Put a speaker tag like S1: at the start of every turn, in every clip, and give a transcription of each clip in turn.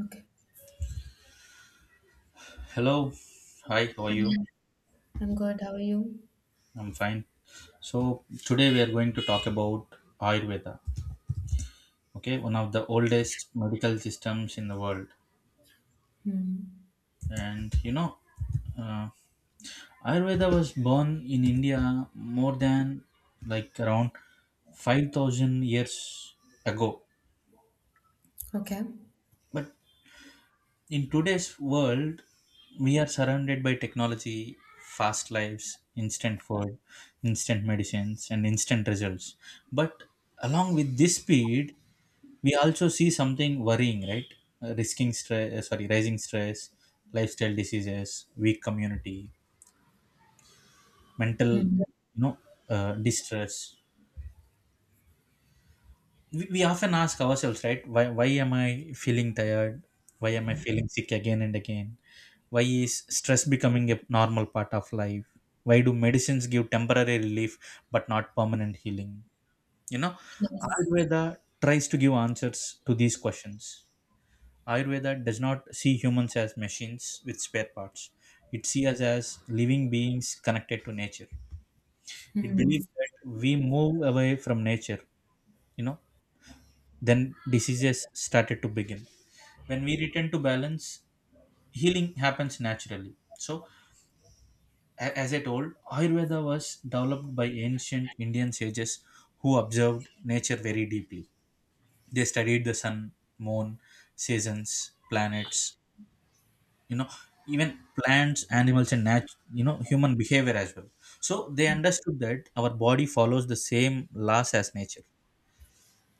S1: Okay.
S2: Hello, hi, how are you?
S1: Hmm. I'm good. How are you?
S2: I'm fine. So, today we are going to talk about Ayurveda, okay, one of the oldest medical systems in the world.
S1: Hmm.
S2: And you know, uh, Ayurveda was born in India more than around 5,000 years ago,
S1: Okay.
S2: but in today's world we are surrounded by technology, fast lives, instant food, instant medicines, and instant results. But along with this speed, we also see something worrying, right? Risking stress sorry Rising stress, lifestyle diseases, weak community, mental
S1: Hmm.
S2: distress. We often ask ourselves, right? Why am I feeling tired? Why am I feeling sick again and again? Why is stress becoming a normal part of life? Why do medicines give temporary relief but not permanent healing? You know,
S1: Yes.
S2: Ayurveda tries to give answers to these questions. Ayurveda does not see humans as machines with spare parts. It sees us as living beings connected to nature. It
S1: Hmm.
S2: believes that we move away from nature, you know, then diseases started to begin. When we return to balance, healing happens naturally. So, as I told, Ayurveda was developed by ancient Indian sages who observed nature very deeply. They studied the sun, moon, seasons, planets, you know, even plants, animals, and human behavior as well. So they understood that our body follows the same laws as nature.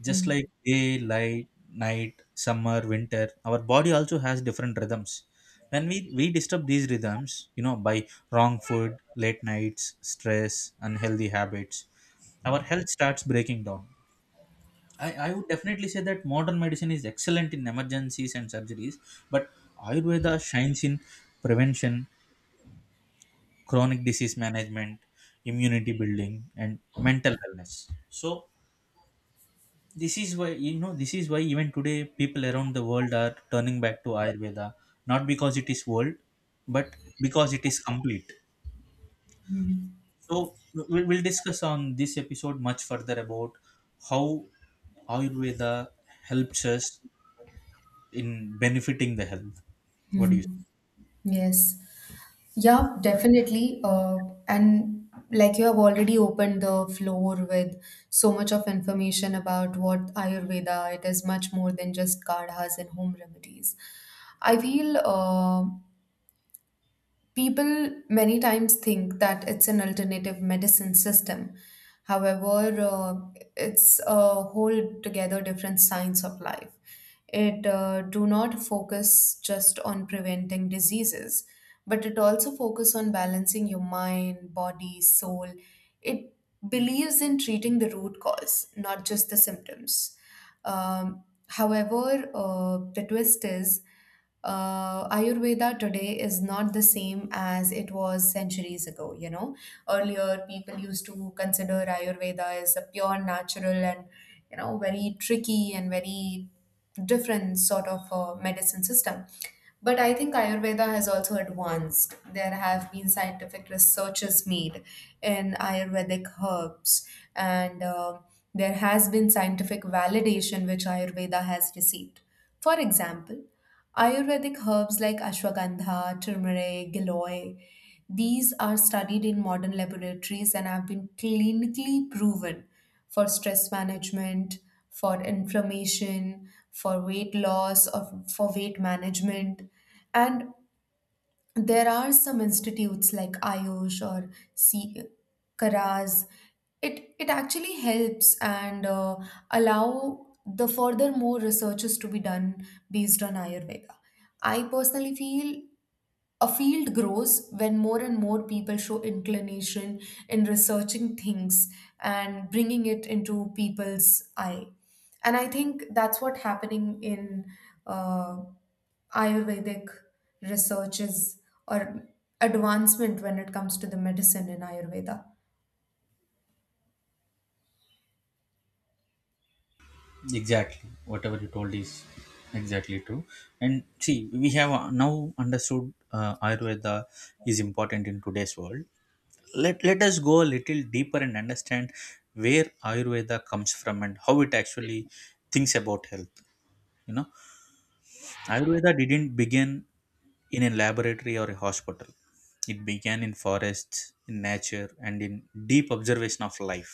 S2: Just like
S1: Hmm.
S2: day light, night, summer, winter, our body also has different rhythms. When we disturb these rhythms, you know, by wrong food, late nights, stress, unhealthy habits, our health starts breaking down. I would definitely say that modern medicine is excellent in emergencies and surgeries, but Ayurveda shines in prevention, chronic disease management, immunity building, and mental wellness. So, this is why even today people around the world are turning back to Ayurveda, not because it is old, but because it is complete.
S1: Hmm.
S2: So we'll discuss on this episode much further about how Ayurveda helps us in benefiting the health. What do you
S1: Hmm. Yes. Yeah, definitely. And like you have already opened the floor with so much of information about what Ayurveda, it is much more than just kadhas and home remedies. I feel people many times think that it's an alternative medicine system. However, it's a whole together different science of life. It do not focus just on preventing diseases, but it also focus on balancing your mind, body, soul. It believes in treating the root cause, not just the symptoms. However, the twist is Ayurveda today is not the same as it was centuries ago. Earlier people used to consider Ayurveda as a pure natural and, very tricky and very different sort of medicine system. But I think Ayurveda has also advanced. There have been scientific researches made in Ayurvedic herbs, and there has been scientific validation which Ayurveda has received. For example, Ayurvedic herbs like ashwagandha, turmeric, giloy, these are studied in modern laboratories and have been clinically proven for stress management, for inflammation, for weight loss, or for weight management. And there are some institutes like IOSH or C Karaz. It actually helps and allow the further more researches to be done based on Ayurveda. I personally feel a field grows when more and more people show inclination in researching things and bringing it into people's eye. And I think that's what happening in uh, Ayurvedic researches or advancement when it comes to the medicine in Ayurveda.
S2: Exactly? Whatever you told is exactly true. And see, we have now understood Ayurveda is important in today's world. Let us go a little deeper and understand where Ayurveda comes from and how it actually thinks about health. You know, Ayurveda didn't begin in a laboratory or a hospital. It began in forests, in nature, and in deep observation of life.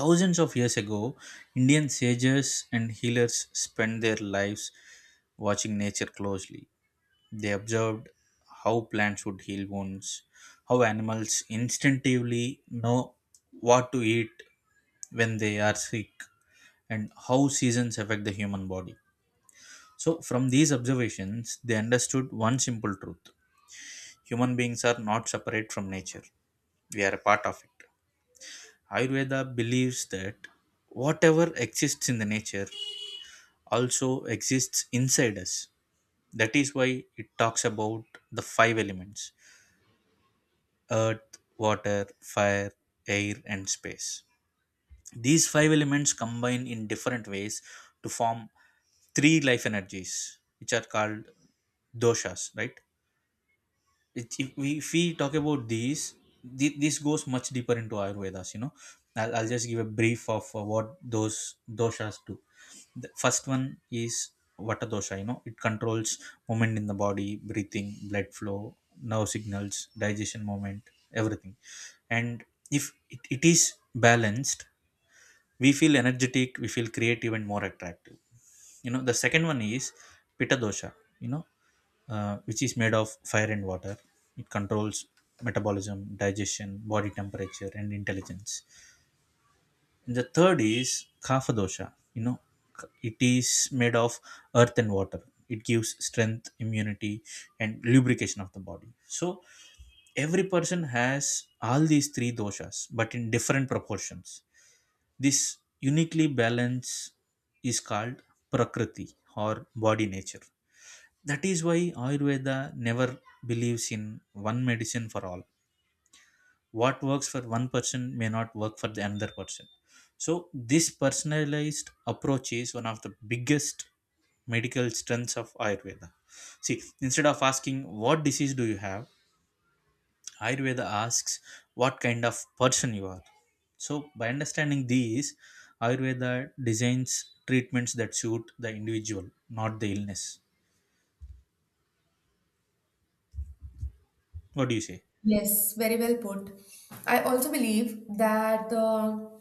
S2: Thousands of years ago, Indian sages and healers spent their lives watching nature closely. They observed how plants would heal wounds, how animals instinctively know what to eat when they are sick, and how seasons affect the human body. So, from these observations, they understood one simple truth: human beings are not separate from nature, we are a part of it. Ayurveda believes that whatever exists in the nature also exists inside us. That is why it talks about the five elements: earth, water, fire, air, and space. These five elements combine in different ways to form three life energies, which are called doshas, right? it, if we talk about these, this goes much deeper into Ayurvedas, you know. I'll just give a brief of what those doshas do. The first one is vata dosha. You know, it controls movement in the body, breathing, blood flow, nerve signals, digestion, movement, everything. And if it is balanced, we feel energetic, we feel creative and more attractive. You know, the second one is pitta dosha, you know, which is made of fire and water. It controls metabolism, digestion, body temperature, and intelligence. And the third is kapha dosha. You know, it is made of earth and water. It gives strength, immunity, and lubrication of the body. So every person has all these three doshas, but in different proportions. This uniquely balance is called prakriti, or body nature. That is why Ayurveda never believes in one medicine for all. What works for one person may not work for the another person. So, this personalized approach is one of the biggest medical strengths of Ayurveda. See, instead of asking what disease do you have, Ayurveda asks what kind of person you are. So, by understanding these, Ayurveda designs treatments that suit the individual, not the illness. What do you say?
S1: Yes, very well put. I also believe that the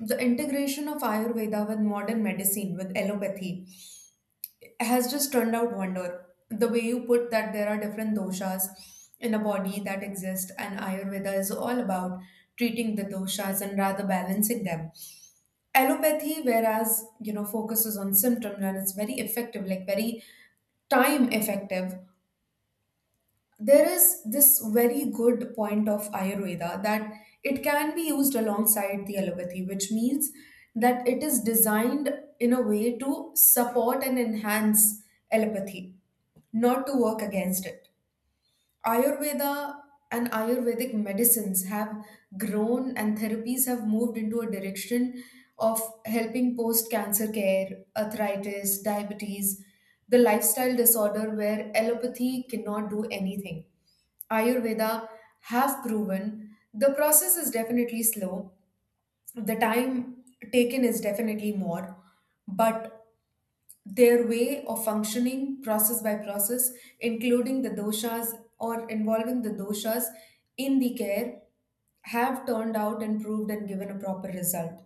S1: the integration of Ayurveda with modern medicine, with allopathy, has just turned out wonder. The way you put that there are different doshas in a body that exist, and Ayurveda is all about treating the doshas and rather balancing them. Allopathy, whereas focuses on symptoms and it's very effective, like very time effective. There is this very good point of Ayurveda that it can be used alongside the allopathy, which means that it is designed in a way to support and enhance allopathy, not to work against it. Ayurveda and Ayurvedic medicines have grown and therapies have moved into a direction of helping post cancer care, arthritis, diabetes, the lifestyle disorder where allopathy cannot do anything. Ayurveda have proven the process is definitely slow, the time taken is definitely more, but their way of functioning process by process, including the doshas or involving the doshas in the care, have turned out and proved and given a proper result.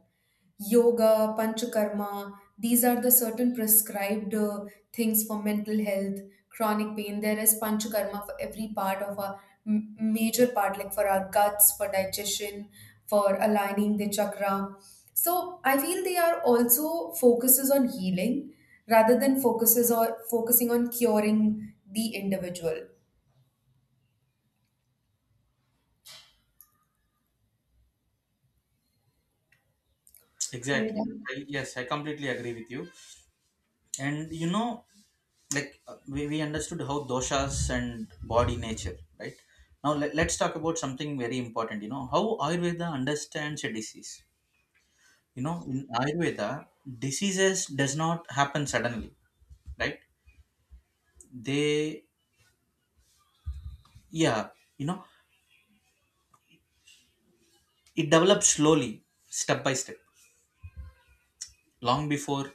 S1: Yoga, panchakarma, these are the certain prescribed things for mental health, chronic pain. There is panchakarma for every part of our major part, like for our guts, for digestion, for aligning the chakra. So I feel they are also focuses on healing rather than focuses or focusing on curing the individual. Are
S2: Exactly.
S1: you
S2: Yes, I completely agree with you. And you know, like we understood how doshas and body nature, right? Now let's talk about something very important. You know, how Ayurveda understands a disease. You know, in Ayurveda, diseases does not happen suddenly, right? They, yeah, you know, it develops slowly, step by step, long before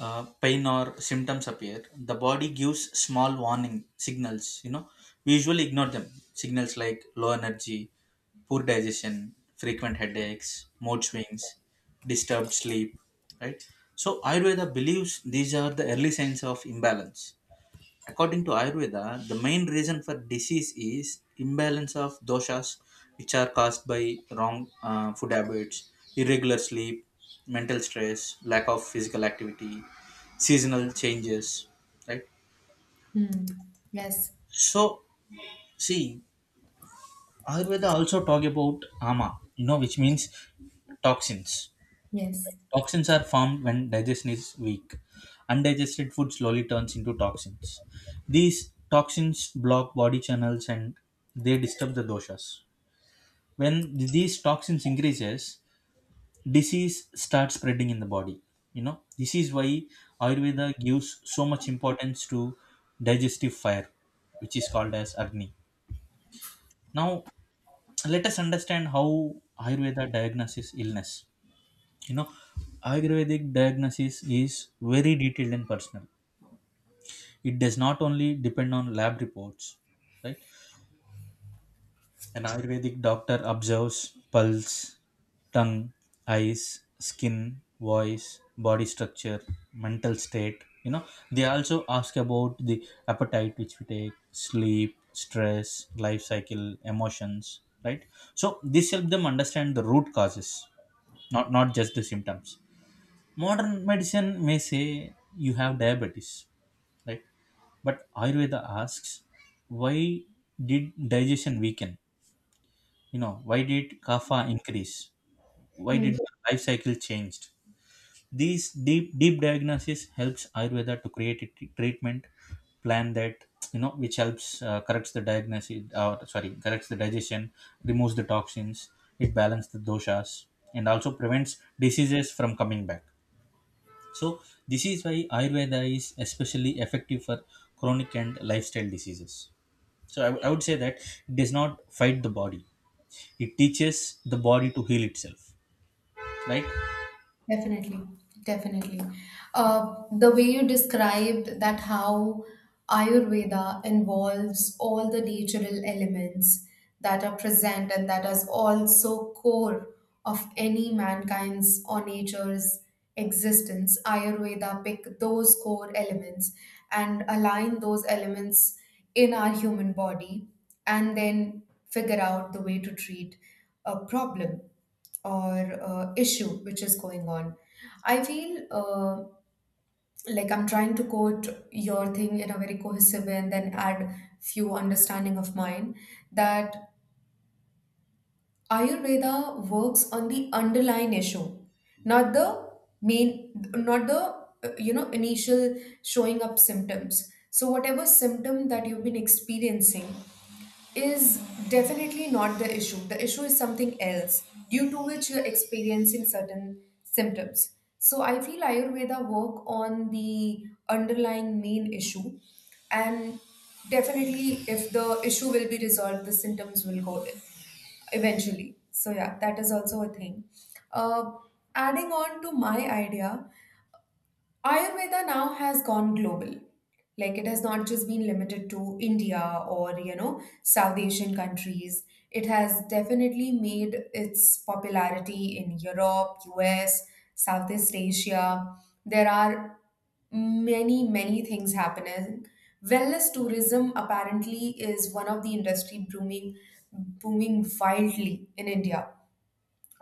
S2: pain or symptoms appear, the body gives small warning signals. You know, we usually ignore them. Signals like low energy, poor digestion, frequent headaches, mood swings, disturbed sleep, right? So Ayurveda believes these are the early signs of imbalance. According to Ayurveda, the main reason for disease is imbalance of doshas, which are caused by wrong food habits, irregular sleep, mental stress, lack of physical activity, seasonal changes. Right.
S1: there? Hmm. Yes.
S2: So, see, Ayurveda also talk about ama, you know, which means toxins.
S1: Yes.
S2: Toxins are formed when digestion is weak. Undigested food slowly turns into toxins. These toxins block body channels and they disturb the doshas. When these toxins increases, disease starts spreading in the body. You know, this is why Ayurveda gives so much importance to digestive fire, which is called as Agni. Now, let us understand how Ayurveda diagnoses illness. You know, Ayurvedic diagnosis is very detailed and personal. It does not only depend on lab reports, right? An Ayurvedic doctor observes pulse, tongue, eyes, skin, voice, body structure, mental state. You know, they also ask about the appetite which we take, sleep, stress, life cycle, emotions, right? So this helps them understand the root causes, not just the symptoms. Modern medicine may say you have diabetes, right? But Ayurveda asks, why did digestion weaken? You know, why did kapha increase? Why
S1: Hmm.
S2: did the life cycle changed? These deep diagnosis helps Ayurveda to create a treatment plan that, you know, which helps corrects the diagnosis or sorry corrects the digestion, removes the toxins, it balances the doshas, and also prevents diseases from coming back. So this is why Ayurveda is especially effective for chronic and lifestyle diseases. So I would say that it does not fight the body; it teaches the body to heal itself. Right?
S1: Definitely, definitely. The way you described that how Ayurveda involves all the natural elements that are present and that is also core of any mankind's or nature's existence. Ayurveda pick those core elements and align those elements in our human body and then figure out the way to treat a problem or issue which is going on. I feel like I'm trying to quote your thing in a very cohesive way and then add few understanding of mine that Ayurveda works on the underlying issue, not the main, not the initial showing up symptoms. So whatever symptom that you've been experiencing is definitely not the issue. The issue is something else due to which you're experiencing certain symptoms. So I feel Ayurveda work on the underlying main issue, and definitely if the issue will be resolved, the symptoms will go eventually. So yeah, that is also a thing. Uh, adding on to my idea, Ayurveda now has gone global. Like it has not just been limited to India or, South Asian countries. It has definitely made its popularity in Europe, US, Southeast Asia. There are many, many things happening. Wellness tourism apparently is one of the industry booming wildly in India.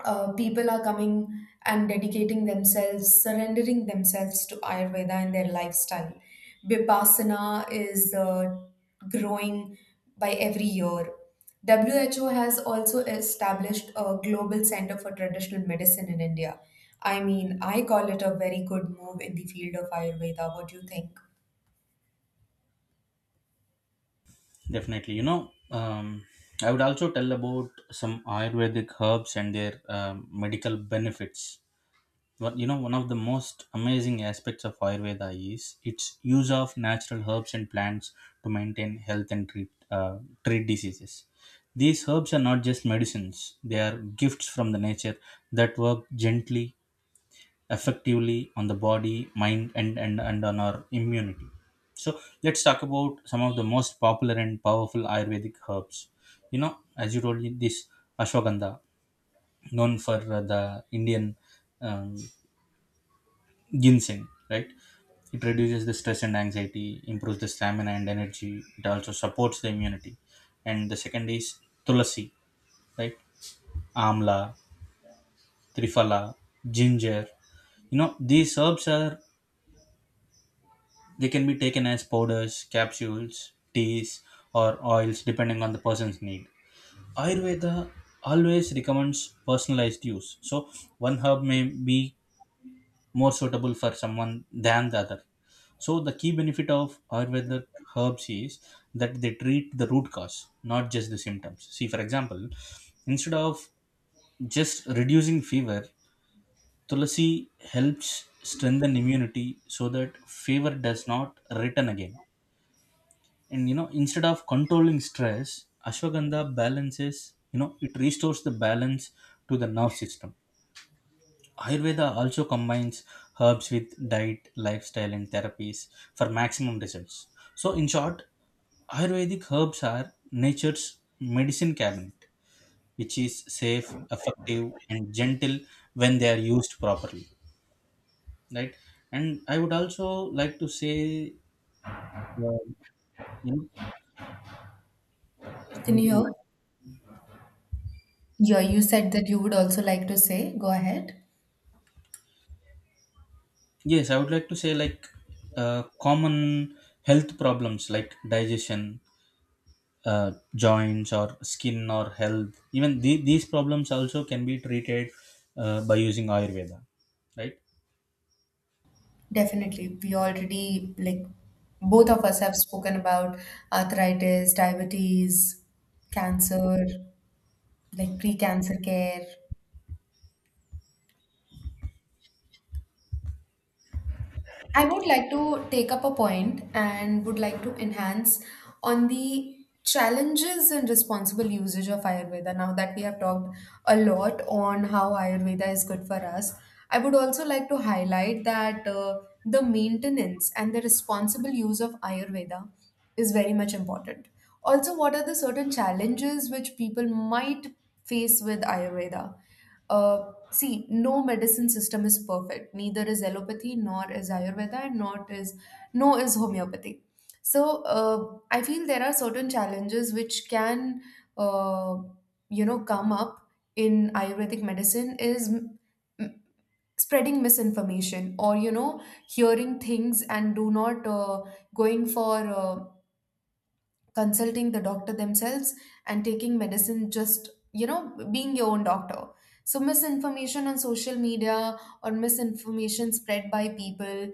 S1: People are coming and dedicating themselves, surrendering themselves to Ayurveda and their lifestyle. Vipassana is growing by every year. WHO has also established a global center for traditional medicine in India. I mean, I call it a very good move in the field of Ayurveda. What do you think?
S2: Definitely. You know, I would also tell about some Ayurvedic herbs and their medical benefits. Well, you know, one of the most amazing aspects of Ayurveda is its use of natural herbs and plants to maintain health and treat diseases. These herbs are not just medicines, they are gifts from the nature that work gently, effectively on the body, mind, and on our immunity. So, let's talk about some of the most popular and powerful Ayurvedic herbs. You know, as you told me, this ashwagandha, known for the Indian um, ginseng, right? It reduces the stress and anxiety, improves the stamina and energy. It also supports the immunity. And the second is tulasi, right? Amla, triphala, ginger. You know, these herbs, are they can be taken as powders, capsules, teas, or oils depending on the person's need. Ayurveda always recommends personalized use. So one herb may be more suitable for someone than the other. So the key benefit of Ayurvedic herbs is that they treat the root cause, not just the symptoms. See, for example, instead of just reducing fever, Tulasi helps strengthen immunity so that fever does not return again. And you know, instead of controlling stress, ashwagandha balances, you know, it restores the balance to the nerve system. Ayurveda also combines herbs with diet, lifestyle, and therapies for maximum results. So, in short, Ayurvedic herbs are nature's medicine cabinet, which is safe, effective, and gentle when they are used properly. Right? And I would also like to say, uh, you know,
S1: Can you
S2: something
S1: hear?
S2: like,
S1: Yeah, you said that you would also like to say. Go ahead.
S2: yes, I would like to say, like, common health problems like digestion, joints or skin or health, even these problems also can be treated by using Ayurveda, right?
S1: Definitely. We already, like, both of us have spoken about arthritis, diabetes, cancer, like pre-cancer care. I would like to take up a point and would like to enhance on the challenges and responsible usage of Ayurveda. Now that we have talked a lot on how Ayurveda is good for us, I would also like to highlight that the maintenance and the responsible use of Ayurveda is very much important. Also, what are the certain challenges which people might face with Ayurveda? See, no medicine system is perfect. Neither is allopathy, nor is Ayurveda, and not is no is homeopathy. So I feel there are certain challenges which can uh, come up in Ayurvedic medicine is m- spreading misinformation, or hearing things and do not going for consulting the doctor themselves and taking medicine just being your own doctor. So misinformation on social media, or misinformation spread by people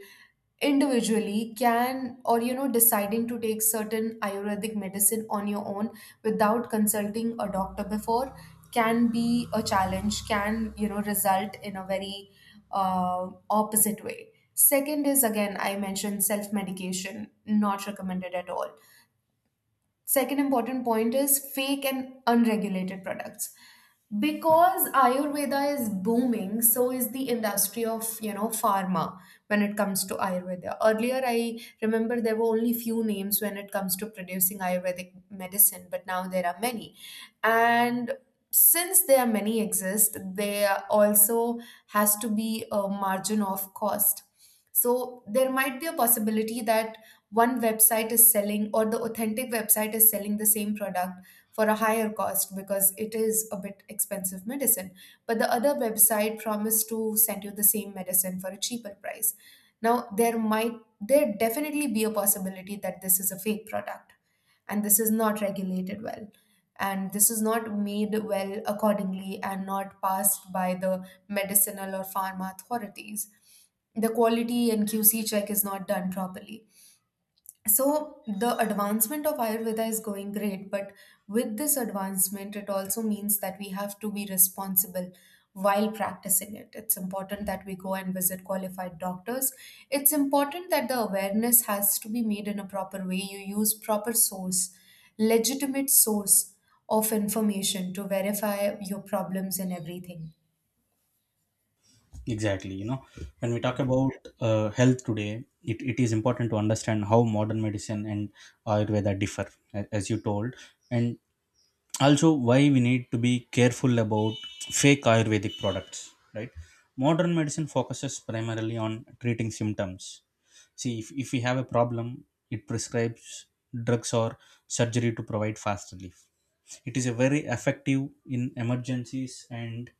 S1: individually, can, or deciding to take certain ayurvedic medicine on your own without consulting a doctor before, can be a challenge, can result in a very opposite way. Second is, again, I mentioned self medication, not recommended at all. Second important point is fake and unregulated products. Because Ayurveda is booming, so is the industry of pharma. When it comes to Ayurveda, earlier I remember there were only few names when it comes to producing Ayurvedic medicine, but now there are many. And since there are many exist, there also has to be a margin of cost. So there might be a possibility that one website is selling, or the authentic website is selling the same product for a higher cost because it is a bit expensive medicine, but the other website promised to send you the same medicine for a cheaper price. Now there definitely be a possibility that this is a fake product, and this is not regulated well, and this is not made well accordingly and not passed by the medicinal or pharma authorities. The quality and QC check is not done properly. So the advancement of Ayurveda is going great, but with this advancement, it also means that we have to be responsible while practicing it. It's important that we go and visit qualified doctors. It's important that the awareness has to be made in a proper way. You use proper source, legitimate source of information to verify your problems and everything.
S2: Exactly. You know, when we talk about health today, it is important to understand how modern medicine and Ayurveda differ, as you told, and also why we need to be careful about fake Ayurvedic products, right? Modern medicine focuses primarily on treating symptoms. See, if we have a problem, it prescribes drugs or surgery to provide fast relief. It is a very effective in emergencies and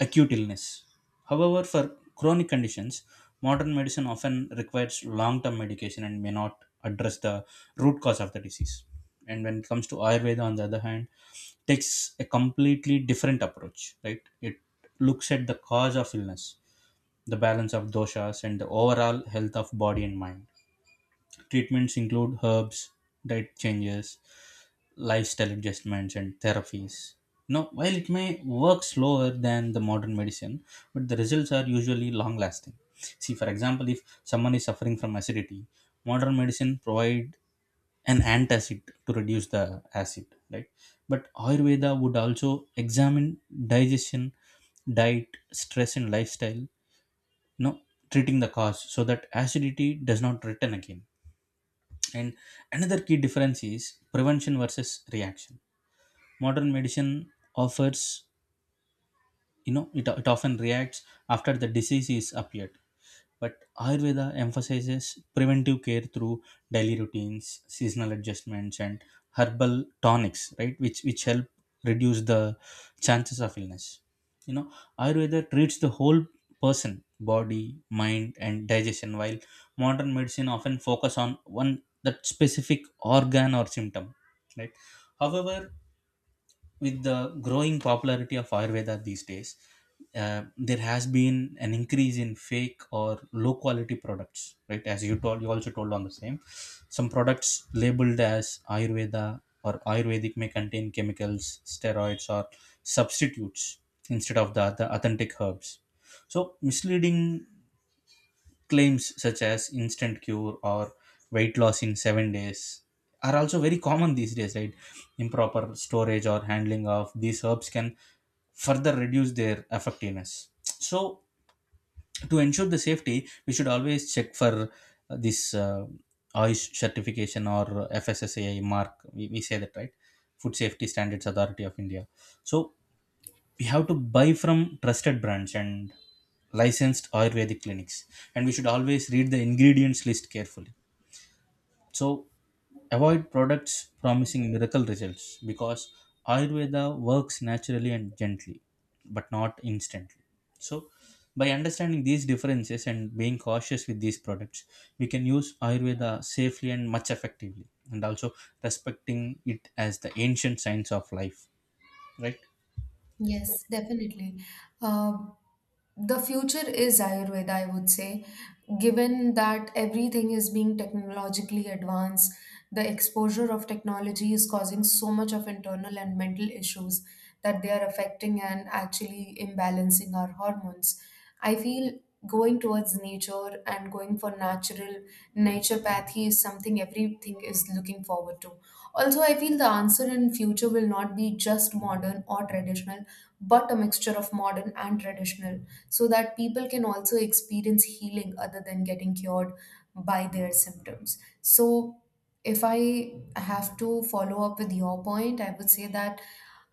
S2: acute illness. However, for chronic conditions, modern medicine often requires long term medication and may not address the root cause of the disease. And when it comes to Ayurveda, on the other hand, takes a completely different approach, right? It looks at the cause of illness, the balance of doshas, and the overall health of body and mind. Treatments include herbs, diet changes, lifestyle adjustments, and therapies. Now, while it may work slower than the modern medicine, but the results are usually long lasting. See, for example, if someone is suffering from acidity, modern medicine provide an antacid to reduce the acid, right? But Ayurveda would also examine digestion, diet, stress, and lifestyle, you know, treating the cause so that acidity does not return again. And another key difference is prevention versus reaction. Modern medicine offers, you know, it often reacts after the disease is appeared, but Ayurveda emphasizes preventive care through daily routines, seasonal adjustments, and herbal tonics, right? Which help reduce the chances of illness. You know, Ayurveda treats the whole person, body, mind, and digestion, while modern medicine often focus on one that specific organ or symptom, right? However, with the growing popularity of Ayurveda these days, there has been an increase in fake or low quality products, right? As you told, you also told on the same. Some products labeled as Ayurveda or Ayurvedic may contain chemicals, steroids, or substitutes instead of the authentic herbs. So misleading claims such as instant cure or weight loss in 7 days are also very common these days, right? Improper storage or handling of these herbs can further reduce their effectiveness. So, to ensure the safety, we should always check for this OIST certification or FSSAI mark. We say that, right? Food Safety Standards Authority of India. So, we have to buy from trusted brands and licensed ayurvedic clinics, and we should always read the ingredients list carefully, so avoid products promising miracle results, because ayurveda works naturally and gently but not instantly. So by understanding these differences and being cautious with these products, we can use ayurveda safely and much effectively, and also respecting it as the ancient science of life, right?
S1: Yes, definitely. Um the future is Ayurveda, I would say, given that everything is being technologically advanced, the exposure of technology is causing so much of internal and mental issues that they are affecting and actually imbalancing our hormones. I feel going towards nature and going for natural naturopathy is something everything is looking forward to. Also, I feel the answer in future will not be just modern or traditional but a mixture of modern and traditional, so that people can also experience healing other than getting cured by their symptoms. So, if I have to follow up with your point, I would say that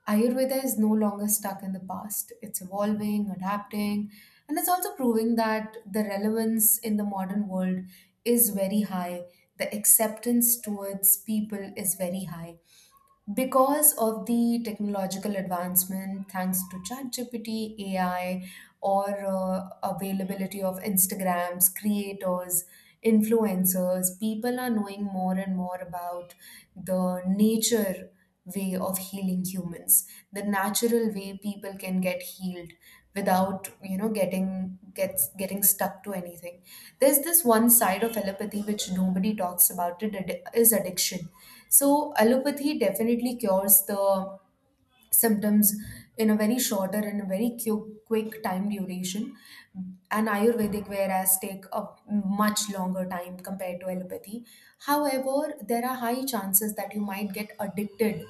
S1: Ayurveda is no longer stuck in the past. It's evolving, adapting, and it's also proving that the relevance in the modern world is very high. The acceptance towards people is very high because of the technological advancement, thanks to ChatGPT, AI, or availability of Instagrams creators, influencers, people are knowing more and more about the nature way of healing humans, the natural way people can get healed without getting gets getting stuck to anything. There's this one side of allopathy which nobody talks about. It is addiction. So allopathy definitely cures the symptoms in a very shorter and a very quick time duration, and ayurvedic whereas take a much longer time compared to allopathy. However, there are high chances that you might get addicted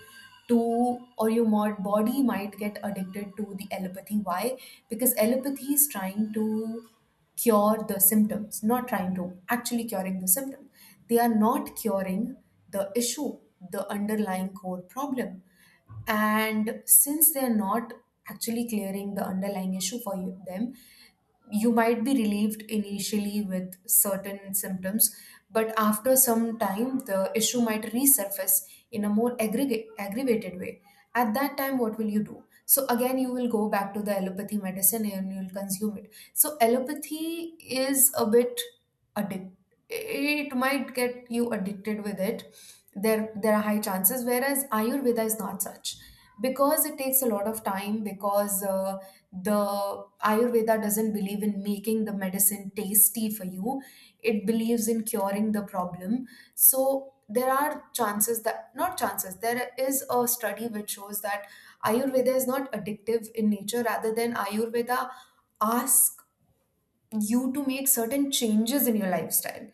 S1: to, or your mod body might get addicted to the allopathy. Why? Because allopathy is trying to cure the symptoms, not trying to actually curing the symptom. They are not curing the issue, the underlying core problem. And since they're not actually clearing the underlying issue for you, them, you might be relieved initially with certain symptoms, but after some time the issue might resurface in a more aggravated way. At that time, what will you do? So again, you will go back to the allopathy medicine and you'll consume it. So allopathy is a bit addict. It might get you addicted with it. There are high chances, whereas Ayurveda is not such because it takes a lot of time. Because the Ayurveda doesn't believe in making the medicine tasty for you, it believes in curing the problem. So there are chances that, not chances, there is a study which shows that Ayurveda is not addictive in nature. Rather than Ayurveda ask you to make certain changes in your lifestyle,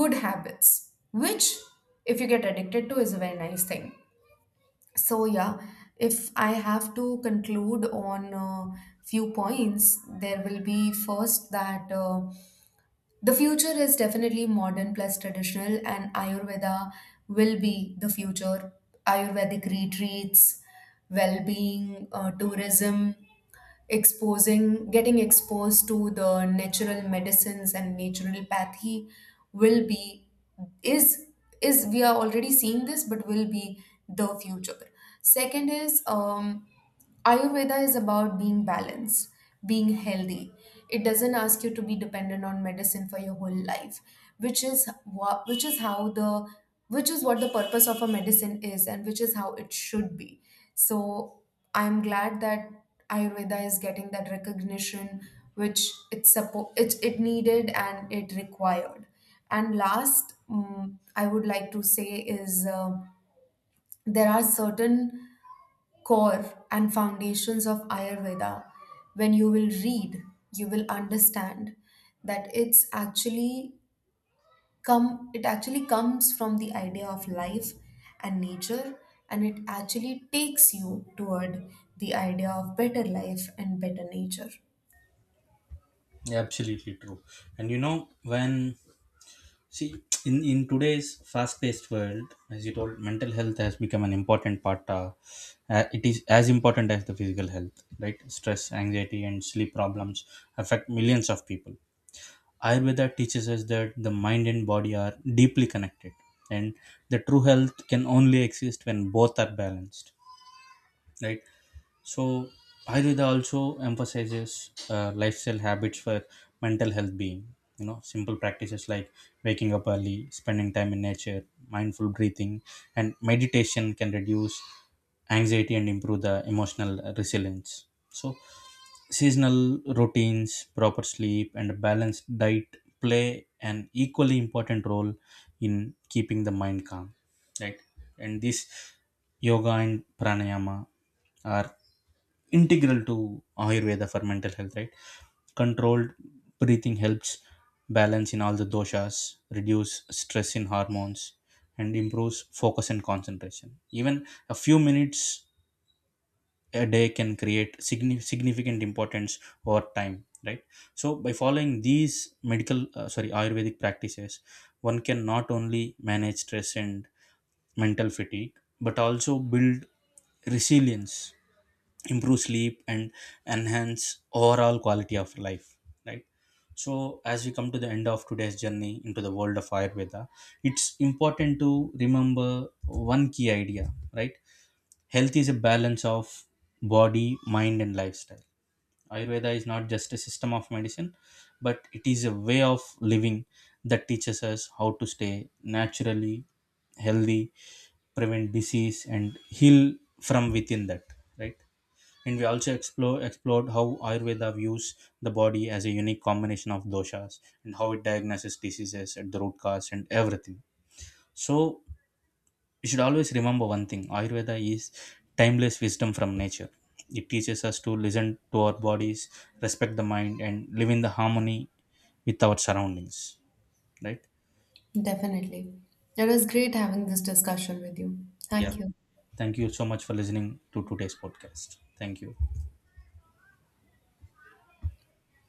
S1: good habits which if you get addicted to is a very nice thing. So yeah, if I have to conclude on few points, there will be first that the future is definitely modern plus traditional, and Ayurveda will be the future. Ayurvedic retreats, well-being, tourism, exposing, getting exposed to the natural medicines and naturopathy will be, is is we are already seeing this, but will be the future. Second is Ayurveda is about being balanced, being healthy. It doesn't ask you to be dependent on medicine for your whole life, which is what, which is how the, which is what the purpose of a medicine is and which is how it should be. So I'm glad that Ayurveda is getting that recognition which it needed and it required. And last, I would like to say is there are certain core and foundations of Ayurveda. When you will read, you will understand that It actually comes from the idea of life and nature, and it actually takes you toward the idea of better life and better nature.
S2: Yeah, absolutely true. And you know, when see, in today's fast-paced world, as you told, mental health has become an important part. It is as important as the physical health, right? Stress, anxiety, and sleep problems affect millions of people. Ayurveda teaches us that the mind and body are deeply connected, and the true health can only exist when both are balanced, right? So Ayurveda also emphasizes lifestyle habits for mental health being, you know, simple practices like waking up early, spending time in nature, mindful breathing, and meditation can reduce anxiety and improve the emotional resilience. So seasonal routines, proper sleep, and a balanced diet play an equally important role in keeping the mind calm. Right? And this yoga and pranayama are integral to Ayurveda for mental health, right? Controlled breathing helps balance in all the doshas, reduce stress in hormones, and improves focus and concentration. Even a few minutes a day can create significant importance over time, right? So by following these medical sorry ayurvedic practices, one can not only manage stress and mental fatigue, but also build resilience, improve sleep, and enhance overall quality of life, right? So as we come to the end of today's journey into the world of ayurveda, it's important to remember one key idea, right? Health is a balance of body, mind, and lifestyle. Ayurveda is not just a system of medicine, but it is a way of living that teaches us how to stay naturally healthy, prevent disease, and heal from within that, right? And we also explored how Ayurveda views the body as a unique combination of doshas and how it diagnoses diseases at the root cause and everything. So we should always remember one thing: Ayurveda is timeless wisdom from nature. It teaches us to listen to our bodies, respect the mind, and live in the harmony with our surroundings. Right?
S1: Definitely, it was great having this discussion with you.
S2: Yeah.
S1: Thank you.
S2: Thank you so much for listening to today's podcast. Thank you.